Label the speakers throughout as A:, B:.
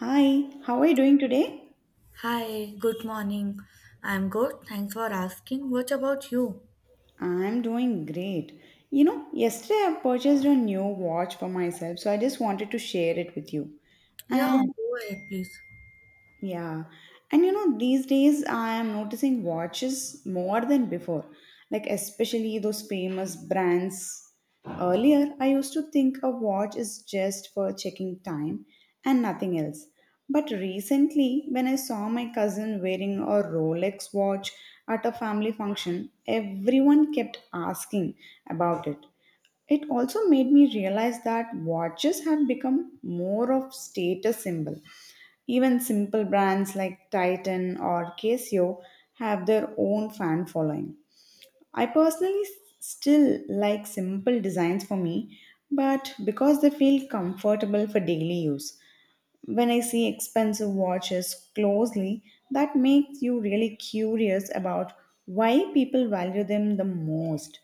A: Hi, how are you doing today?
B: Hi, good morning. I'm good. Thanks for asking. What about you?
A: I'm doing great. You know, yesterday I purchased a new watch for myself, so I just wanted to share it with you.
B: Yeah,
A: And
B: go ahead, please.
A: Yeah. And you know, these days I am noticing watches more than before, like especially those famous brands. Earlier, I used to think a watch is just for checking time and nothing else. But recently, when I saw my cousin wearing a Rolex watch at a family function, everyone kept asking about it. It also made me realize that watches have become more of status symbol, even simple brands like Titan or Casio have their own fan following. I personally still like simple designs for me, but because they feel comfortable for daily use. When I see expensive watches closely, that makes you really curious about why people value them the most.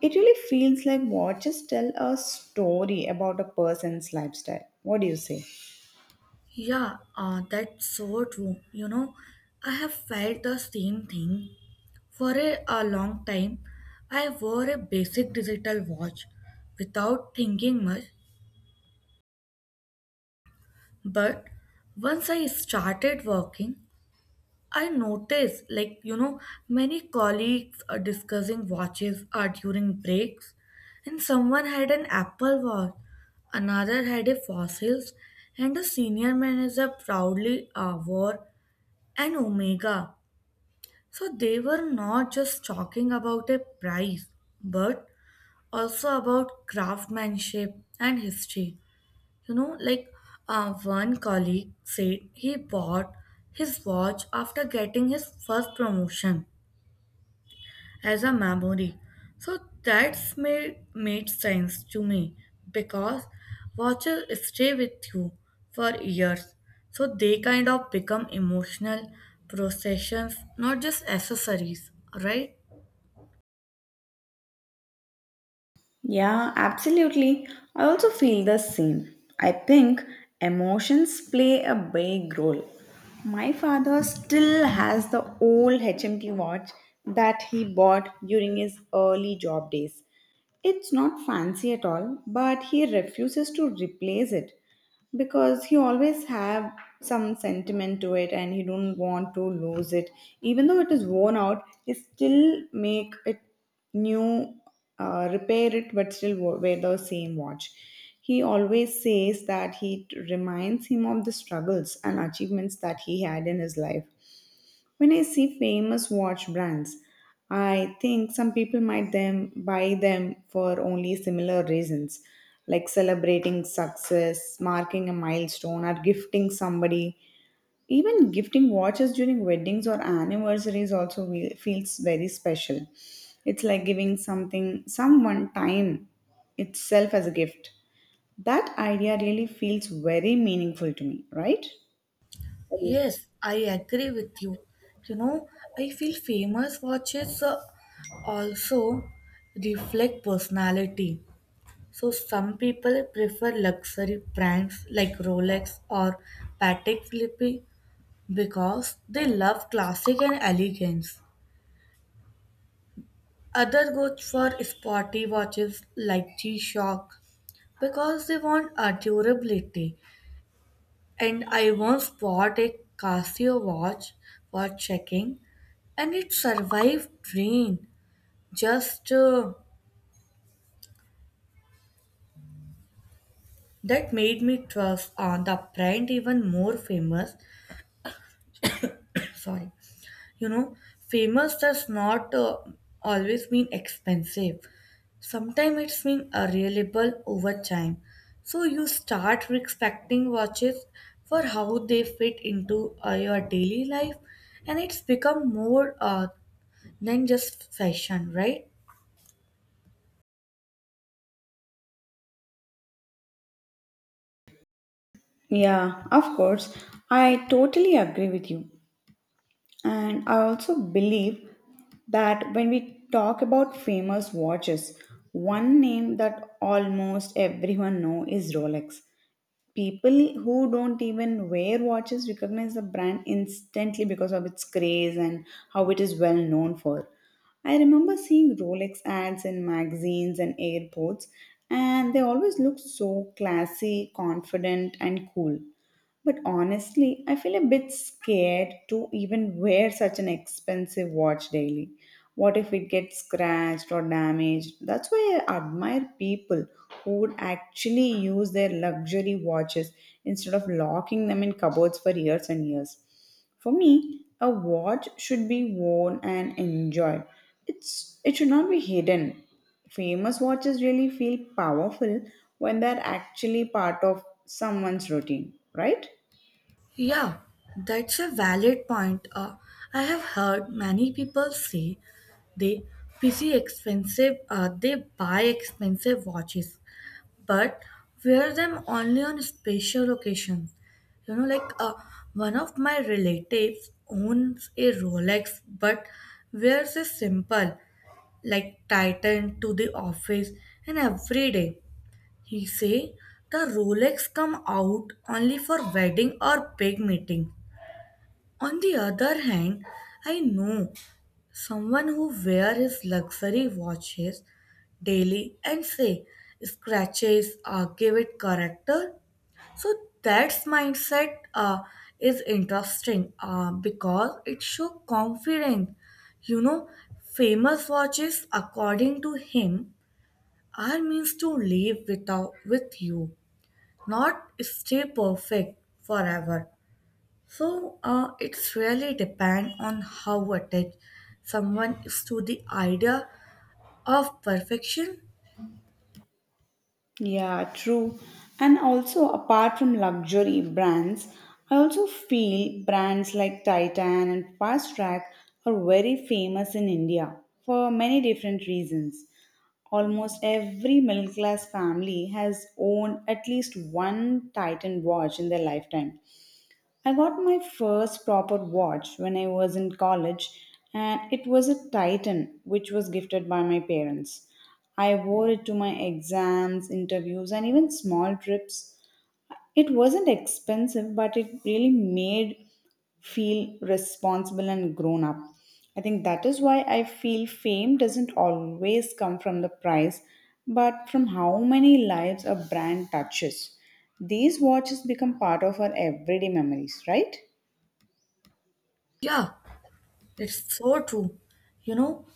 A: It really feels like watches tell a story about a person's lifestyle. What do you say?
B: Yeah, that's so true. You know, I have felt the same thing. For a long time, I wore a basic digital watch without thinking much. But once I started working, I notice, like, you know, many colleagues are discussing watches are during breaks, and someone had an Apple Watch, another had a Fossils, and a senior manager proudly wore an Omega. So they were not just talking about a price, but also about craftsmanship and history. You know, like one colleague said he bought his watch after getting his first promotion as a memory. So that's made sense to me because watches stay with you for years. So they kind of become emotional processions, not just accessories, right?
A: Yeah, absolutely. I also feel the same. I think emotions play a big role. My father still has the old HMT watch that he bought during his early job days. It's not fancy at all, but he refuses to replace it because he always have some sentiment to it, and he don't want to lose it. Even though it is worn out, he still make it new, repair it, but still wear the same watch. He always says that he reminds him of the struggles and achievements that he had in his life. When I see famous watch brands, I think some people might them buy them for only similar reasons, like celebrating success, marking a milestone, or gifting somebody. Even gifting watches during weddings or anniversaries also feels very special. It's like giving something someone time itself as a gift. That idea really feels very meaningful to me, right?
B: Yes, I agree with you. You know, I feel famous watches also reflect personality. So some people prefer luxury brands like Rolex or Patek Philippe because they love classic and elegance. Other go for sporty watches like G-Shock because they want a durability. And I once bought a Casio watch for checking, and it survived rain. Just that made me trust on the brand even more famous. Sorry, you know, famous does not always mean expensive. Sometimes it's mean a reliable over time. So you start respecting watches for how they fit into your daily life, and it's become more than just fashion, right?
A: Yeah, of course. I totally agree with you. And I also believe that when we talk about famous watches, one name that almost everyone know is Rolex. People who don't even wear watches recognize the brand instantly because of its craze and how it is well known for. I remember seeing Rolex ads in magazines and airports, and they always look so classy, confident, and cool. But honestly, I feel a bit scared to even wear such an expensive watch daily. What if it gets scratched or damaged? That's why I admire people who would actually use their luxury watches instead of locking them in cupboards for years and years. For me, a watch should be worn and enjoyed. It's it should not be hidden. Famous watches really feel powerful when they're actually part of someone's routine, right?
B: Yeah, that's a valid point. I have heard many people say they PC expensive, they buy expensive watches, but wear them only on special occasions. You know, like one of my relatives owns a Rolex, but wears a simple, like Titan to the office and every day. He say the Rolex come out only for wedding or big meeting. On the other hand, I know someone who wear his luxury watches daily and say scratches give it character. So that's mindset is interesting because it show confidence. You know, famous watches according to him are means to live without with you not stay perfect forever. So it's really depend on how attached someone is to the idea of perfection.
A: Yeah, true. And also, apart from luxury brands, I also feel brands like Titan and Fast Track are very famous in India for many different reasons. Almost every middle class family has owned at least one Titan watch in their lifetime. I got my first proper watch when I was in college, and it was a Titan, which was gifted by my parents. I wore it to my exams, interviews, and even small trips. It wasn't expensive, but it really made feel responsible and grown up. I think that is why I feel fame doesn't always come from the price, but from how many lives a brand touches. These watches become part of our everyday memories, right?
B: Yeah, it's so true. You know,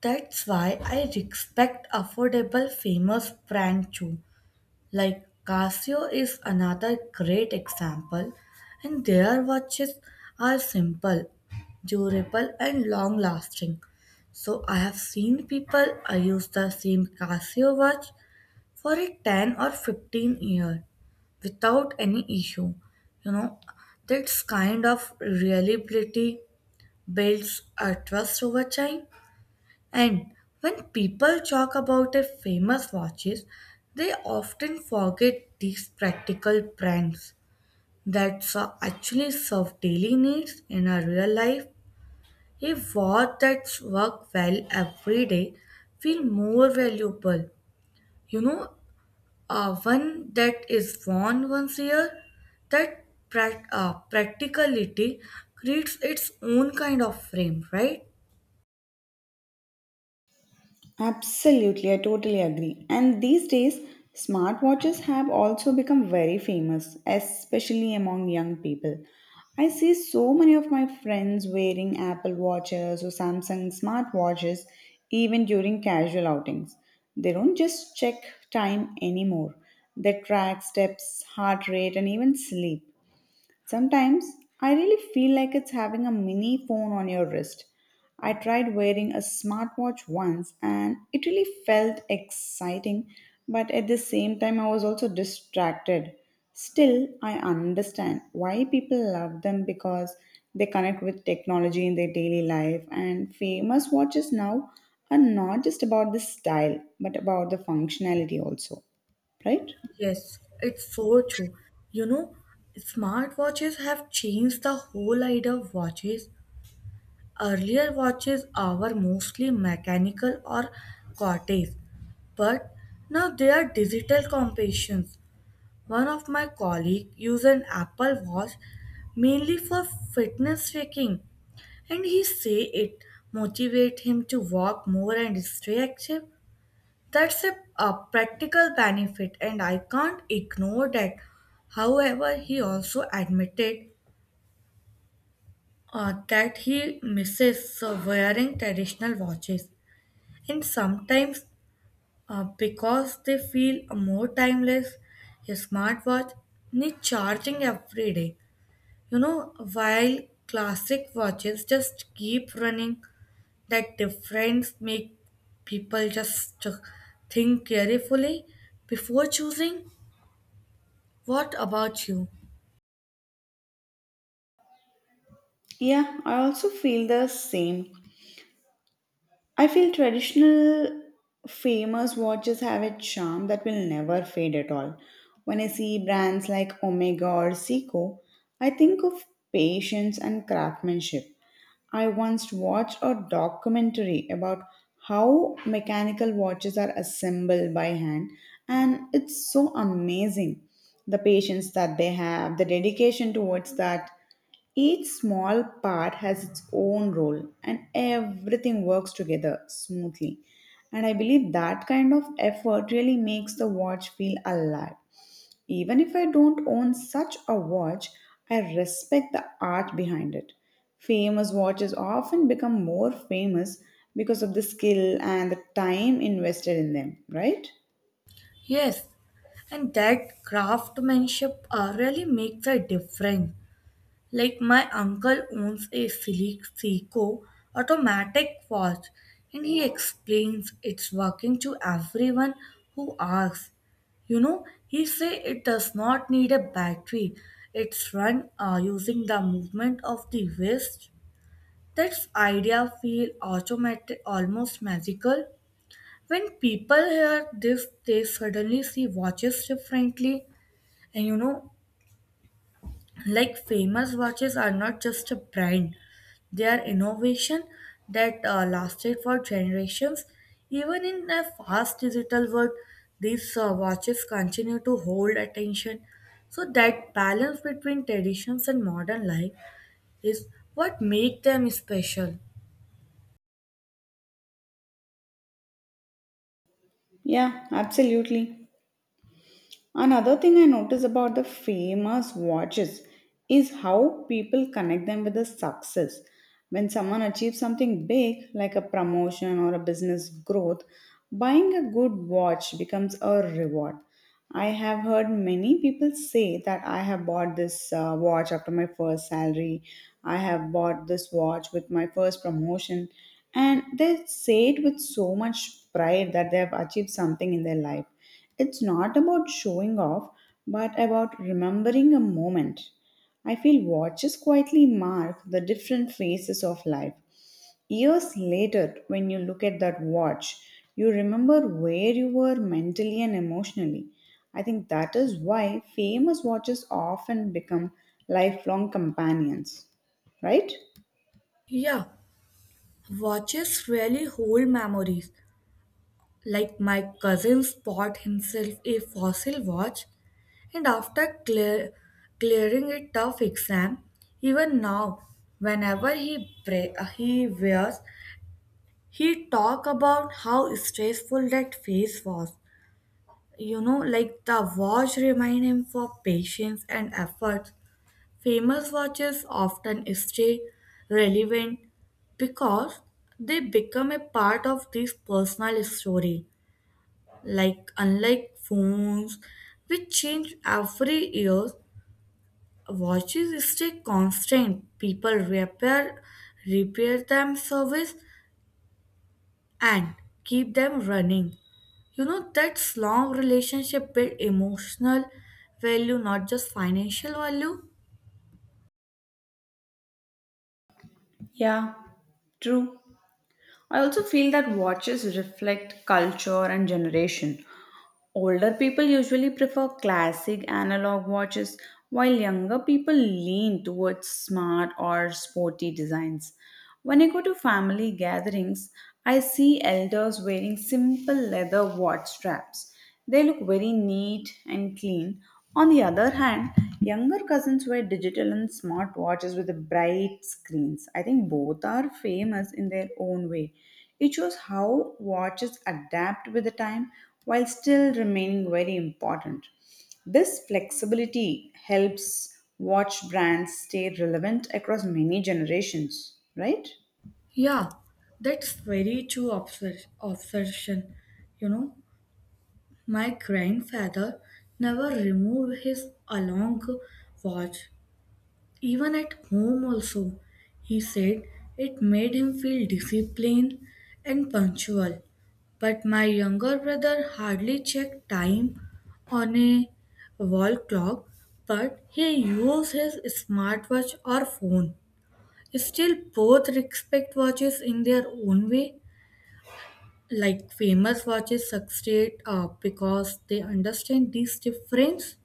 B: that's why I respect affordable famous brand too. Like Casio is another great example, and their watches are simple, durable, and long lasting. So, I have seen people use the same Casio watch for a 10 or 15-year without any issue. You know, that's kind of reliability builds a trust over time. And when people talk about their famous watches, they often forget these practical brands that actually serve daily needs in our real life. A watch that's work well every day feel more valuable. You know, one that is worn once a year, that practicality creates its own kind of frame, right?
A: Absolutely, I totally agree. And these days, smartwatches have also become very famous, especially among young people. I see so many of my friends wearing Apple Watches or Samsung smartwatches even during casual outings. They don't just check time anymore, they track steps, heart rate, and even sleep. Sometimes I really feel like it's having a mini phone on your wrist. I tried wearing a smartwatch once and it really felt exciting, but at the same time, I was also distracted. Still, I understand why people love them because they connect with technology in their daily life, and famous watches now are not just about the style but about the functionality also, right?
B: Yes, it's so true. You know, smartwatches have changed the whole idea of watches. Earlier watches were mostly mechanical or cortex, but now they are digital companions. One of my colleagues used an Apple Watch mainly for fitness tracking, and he say it motivate him to walk more and stay active. That's a practical benefit, and I can't ignore that. However, he also admitted that he misses wearing traditional watches, and sometimes because they feel more timeless, a smartwatch needs charging every day. You know, while classic watches just keep running, that difference make people just think carefully before choosing. What about you?
A: Yeah, I also feel the same. I feel traditional famous watches have a charm that will never fade at all. When I see brands like Omega or Seiko, I think of patience and craftsmanship. I once watched a documentary about how mechanical watches are assembled by hand, and it's so amazing the patience that they have, the dedication towards that. Each small part has its own role and everything works together smoothly. And I believe that kind of effort really makes the watch feel alive. Even if I don't own such a watch, I respect the art behind it. Famous watches often become more famous because of the skill and the time invested in them, right?
B: Yes, and that craftsmanship really makes a difference. Like my uncle owns a Silic Seiko automatic watch and he explains its working to everyone who asks. You know, he say it does not need a battery. It's run using the movement of the wrist. That's idea feel automatic, almost magical. When people hear this, they suddenly see watches differently. And you know, like famous watches are not just a brand, they are innovation that lasted for generations. Even in a fast digital world, these watches continue to hold attention. So that balance between traditions and modern life is what make them special.
A: Yeah, absolutely. Another thing I notice about the famous watches is how people connect them with the success. When someone achieves something big, like a promotion or a business growth, buying a good watch becomes a reward. I have heard many people say that I have bought this watch after my first salary, I have bought this watch with my first promotion, and they say it with so much pride that they have achieved something in their life. It's not about showing off, but about remembering a moment. I feel watches quietly mark the different phases of life. Years later, when you look at that watch, you remember where you were mentally and emotionally. I think that is why famous watches often become lifelong companions, right?
B: Yeah, watches really hold memories. Like my cousins bought himself a fossil watch, and after clearing a tough exam, even now, whenever he he wears, he talk about how stressful that phase was. You know, like the watch remind him for patience and effort. Famous watches often stay relevant because they become a part of this personal story, like unlike phones which change every year. Watches stay constant. People repair them, service, and keep them running. You know, that's long relationship build emotional value, not just financial value.
A: Yeah, true. I also feel that watches reflect culture and generation. Older people usually prefer classic analog watches, while younger people lean towards smart or sporty designs. When I go to family gatherings, I see elders wearing simple leather watch straps. They look very neat and clean. On the other hand, younger cousins wear digital and smart watches with bright screens. I think both are famous in their own way. It shows how watches adapt with the time while still remaining very important. This flexibility helps watch brands stay relevant across many generations, right?
B: Yeah, that's very true obsession. You know, my grandfather never removed his along watch. Even at home, also, he said it made him feel disciplined and punctual. But my younger brother hardly checked time on a wall clock, but he used his smartwatch or phone. Still, both respect watches in their own way, like famous watches succeed because they understand these difference.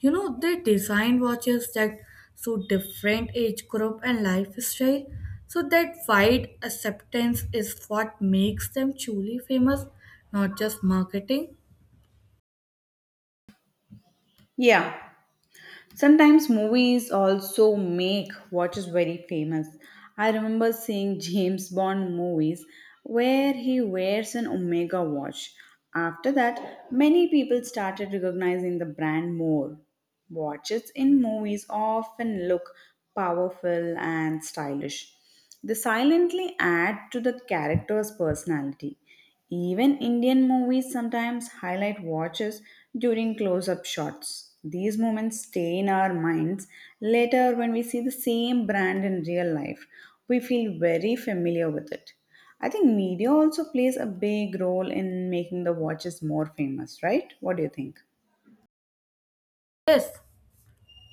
B: You know, they design watches that suit different age group and lifestyle, so that wide acceptance is what makes them truly famous, not just marketing.
A: Yeah. Sometimes movies also make watches very famous. I remember seeing James Bond movies where he wears an Omega watch. After that, many people started recognizing the brand more. Watches in movies often look powerful and stylish. They silently add to the character's personality. Even Indian movies sometimes highlight watches during close up shots. These moments stay in our minds. Later, when we see the same brand in real life, we feel very familiar with it. I think media also plays a big role in making the watches more famous, right? What do you think?
B: Yes.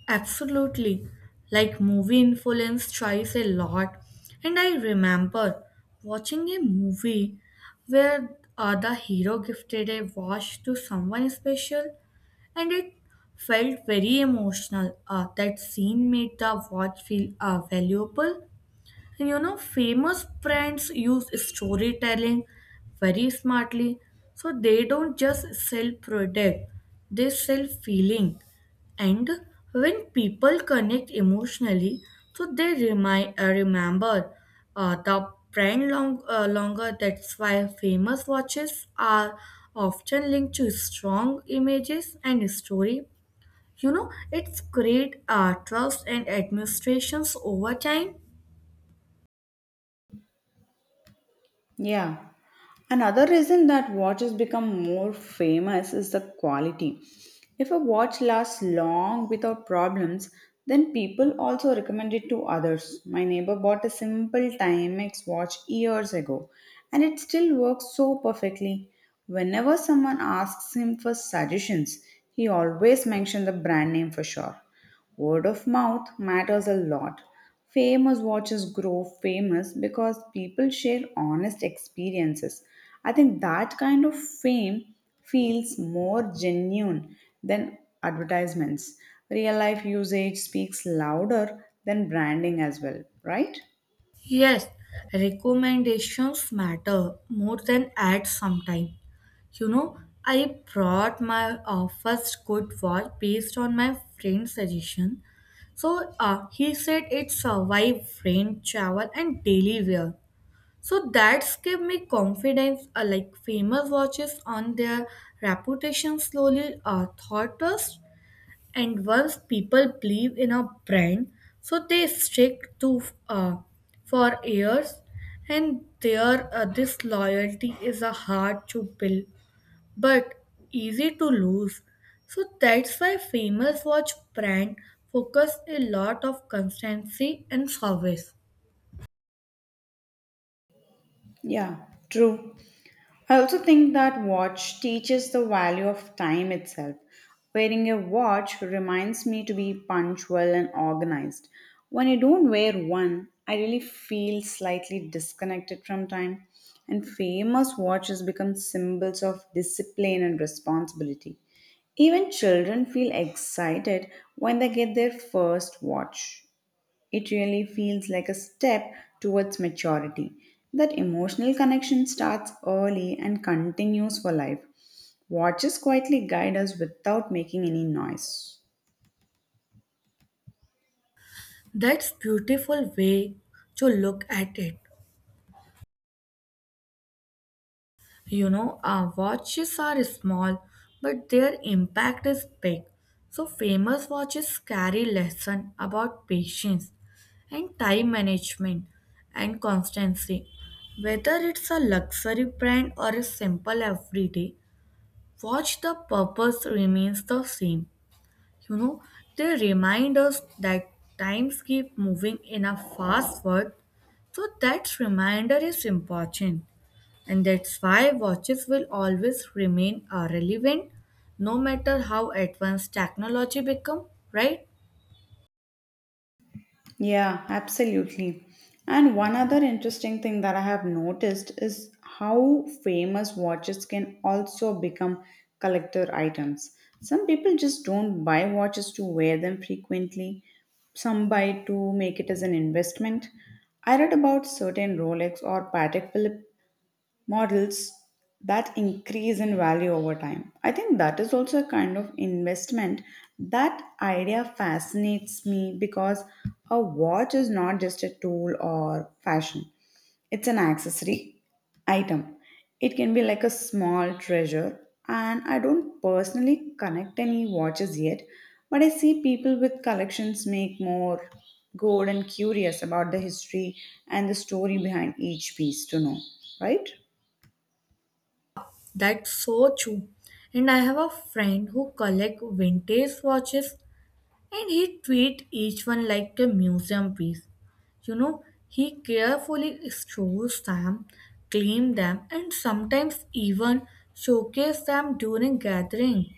B: Absolutely. Like movie influence tries a lot. And I remember watching a movie where the hero gifted a watch to someone special and it felt very emotional. That scene made the watch feel valuable. You know, famous brands use storytelling very smartly. So they don't just sell product, they sell feeling. And when people connect emotionally, so they remember the brand longer. That's why famous watches are often linked to strong images and story. You know, it's great trust and administrations over time.
A: Yeah. Another reason that watches become more famous is the quality. If a watch lasts long without problems, then people also recommend it to others. My neighbor bought a simple Timex watch years ago and it still works so perfectly. Whenever someone asks him for suggestions, he always mentions the brand name for sure. Word of mouth matters a lot. Famous watches grow famous because people share honest experiences. I think that kind of fame feels more genuine than advertisements. Real life usage speaks louder than branding as well, right?
B: Yes, recommendations matter more than ads sometimes. You know, I brought my first good watch based on my friend's suggestion. So he said it survived rain, travel, and daily wear. So that gave me confidence. Like famous watches on their reputation slowly taught us, and once people believe in a brand, so they stick to uh, for years, and their this loyalty is a hard to build but easy to lose. So that's why famous watch brand focus a lot of constancy and service.
A: Yeah, true. I also think that watch teaches the value of time itself. Wearing a watch reminds me to be punctual and organized. When I don't wear one, I really feel slightly disconnected from time. And famous watches become symbols of discipline and responsibility. Even children feel excited when they get their first watch. It really feels like a step towards maturity. That emotional connection starts early and continues for life. Watches quietly guide us without making any noise.
B: That's beautiful way to look at it. You know, our watches are small, but their impact is big. So famous watches carry lesson about patience and time management and constancy. Whether it's a luxury brand or a simple everyday watch, the purpose remains the same. You know, they remind us that times keep moving in a fast world, so that reminder is important. And that's why watches will always remain relevant no matter how advanced technology become, right?
A: Yeah, absolutely. And one other interesting thing that I have noticed is how famous watches can also become collector items. Some people just don't buy watches to wear them frequently, some buy to make it as an investment. I read about certain Rolex or Patek Philippe models that increase in value over time. I think that is also a kind of investment. That idea fascinates me because a watch is not just a tool or fashion, it's an accessory item. It can be like a small treasure, and I don't personally connect any watches yet, but I see people with collections make more good and curious about the history and the story behind each piece to know, right?
B: That's so true. And I have a friend who collect vintage watches and he treat each one like a museum piece. You know, he carefully stores them, clean them, and sometimes even showcase them during gathering.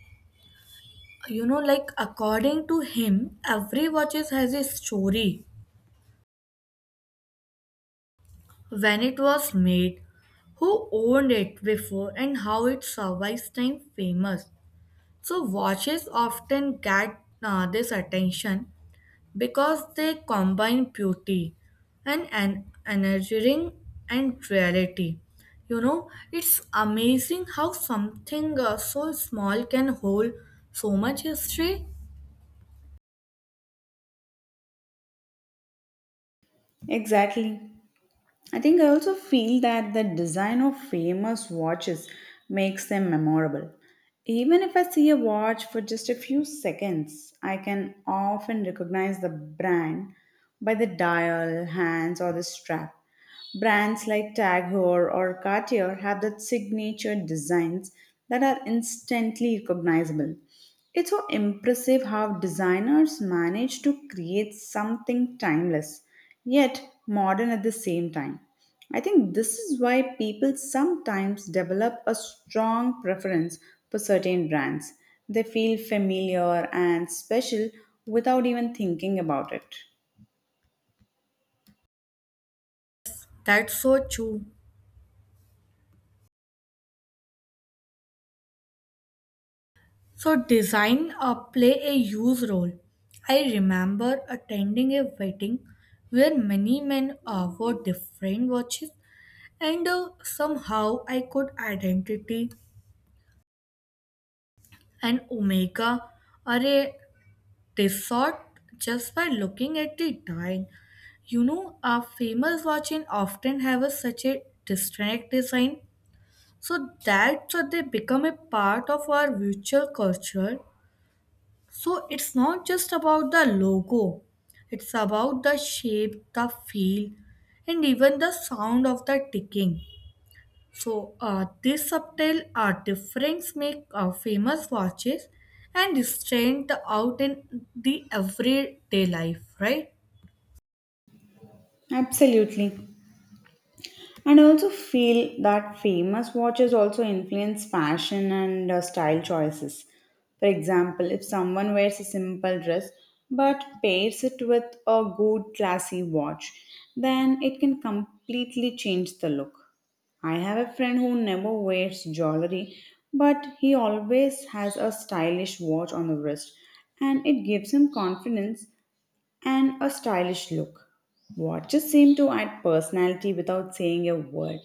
B: You know, like according to him, every watches has a story, when it was made, who owned it before, and how it survived time. Famous. So, watches often get this attention because they combine beauty and an energizing and reality. You know, it's amazing how something so small can hold so much history.
A: Exactly. I think I also feel that the design of famous watches makes them memorable. Even if I see a watch for just a few seconds, I can often recognize the brand by the dial, hands, or the strap. Brands like Tag Heuer or Cartier have that signature designs that are instantly recognizable. It's so impressive how designers manage to create something timeless, yet modern at the same time. I think this is why people sometimes develop a strong preference for certain brands. They feel familiar and special without even thinking about it.
B: That's so true. So, design play a huge role. I remember attending a wedding where many men wore different watches, and somehow I could identity an Omega or a Tissot just by looking at the design. You know, a famous watches often have such a distinct design, so that so they become a part of our virtual culture. So it's not just about the logo, it's about the shape, the feel, and even the sound of the ticking. So this subtle difference make famous watches and stand out in the everyday life, right?
A: Absolutely. And I also feel that famous watches also influence fashion and style choices. For example, if someone wears a simple dress but pairs it with a good classy watch, then it can completely change the look. I have a friend who never wears jewelry, but he always has a stylish watch on the wrist and it gives him confidence and a stylish look. Watches seem to add personality without saying a word.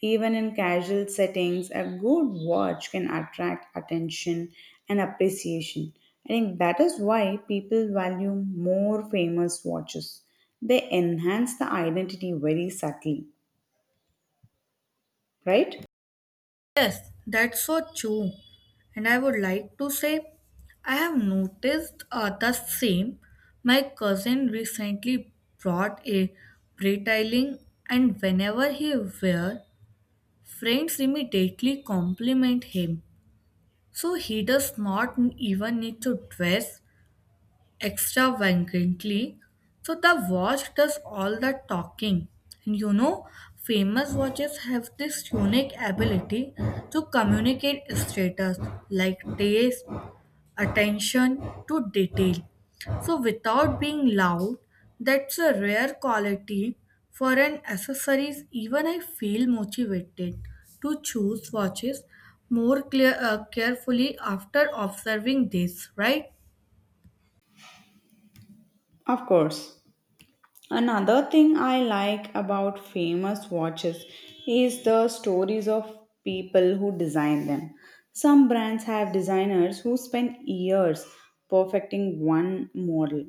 A: Even in casual settings, a good watch can attract attention and appreciation. I think that is why people value more famous watches. They enhance the identity very subtly, right?
B: Yes, that's so true. And I would like to say, I have noticed the same. My cousin recently brought a retailing, and whenever he wear, friends immediately compliment him. So he does not even need to dress extravagantly. So the watch does all the talking. And you know, famous watches have this unique ability to communicate status like taste, attention to detail. So without being loud, that's a rare quality for an accessories. Even I feel motivated to choose watches more carefully after observing this, right?
A: Of course. Another thing I like about famous watches is the stories of people who design them. Some brands have designers who spend years perfecting one model.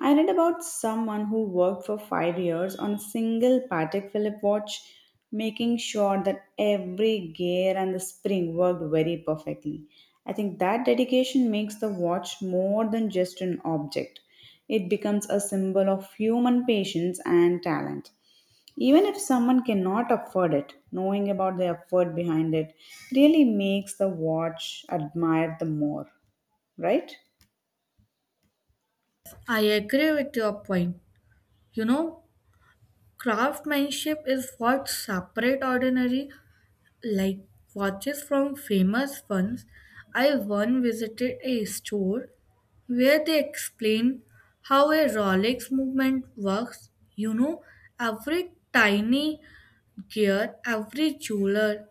A: I read about someone who worked for 5 years on a single Patek Philippe watch, making sure that every gear and the spring worked very perfectly. I think that dedication makes the watch more than just an object. It becomes a symbol of human patience and talent. Even if someone cannot afford it, knowing about the effort behind it really makes the watch admired the more, right?
B: I agree with your point. You know, craftsmanship is what separate ordinary like watches from famous ones. I once visited a store where they explained how a Rolex movement works. You know, every tiny gear, every jeweler,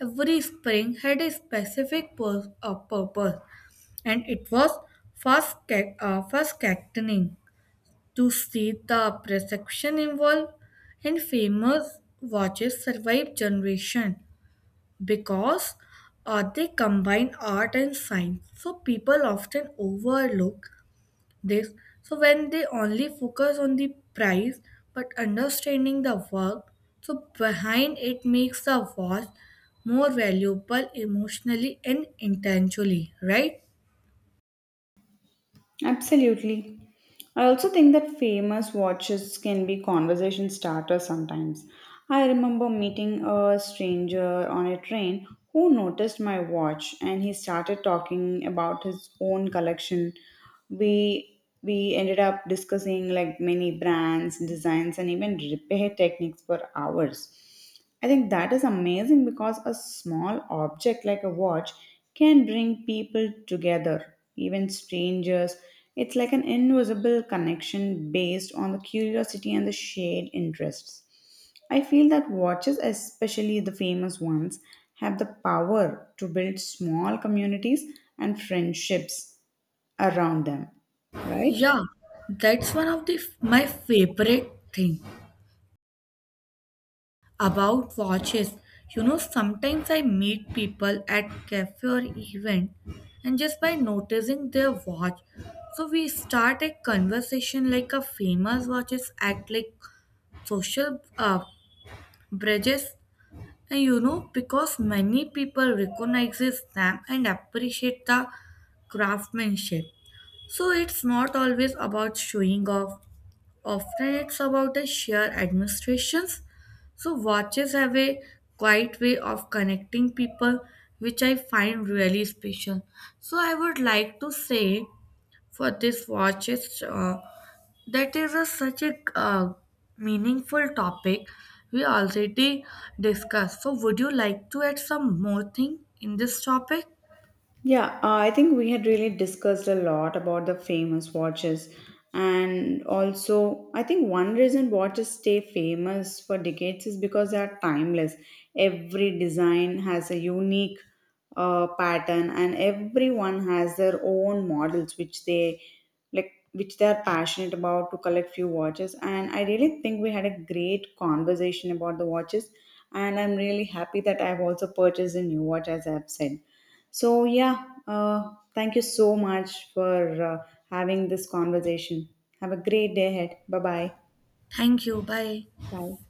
B: every spring had a specific purpose, and it was fast cattening to see the perception involved, and famous watches survive generation because they combine art and science. So people often overlook this, so when they only focus on the price, but understanding the work so behind it makes the watch more valuable emotionally and intellectually, right?
A: Absolutely. I also think that famous watches can be conversation starters sometimes. I remember meeting a stranger on a train who noticed my watch and he started talking about his own collection. We we ended up discussing like many brands, designs and even repair techniques for hours. I think that is amazing because a small object like a watch can bring people together, even strangers. It's like an invisible connection based on the curiosity and the shared interests. I feel that watches, especially the famous ones, have the power to build small communities and friendships around them, right?
B: Yeah, that's one of the my favorite thing about watches. You know, sometimes I meet people at cafe or event, and just by noticing their watch, so we start a conversation, like a famous watches act like social bridges. And you know, because many people recognizes them and appreciate the craftsmanship, so it's not always about showing off. Often it's about the sheer administrations. So watches have a quiet way of connecting people, which I find really special. So I would like to say for this watches that is such a meaningful topic we already discussed. So would you like to add some more thing in this topic?
A: Yeah, I think we had really discussed a lot about the famous watches. And also, I think one reason watches stay famous for decades is because they are timeless. Every design has a unique pattern, and everyone has their own models, which they like, which they are passionate about to collect few watches. And I really think we had a great conversation about the watches. And I'm really happy that I've also purchased a new watch, as I've said. So, yeah, thank you so much for having this conversation. Have a great day ahead. Bye bye.
B: Thank you. Bye.
A: Bye.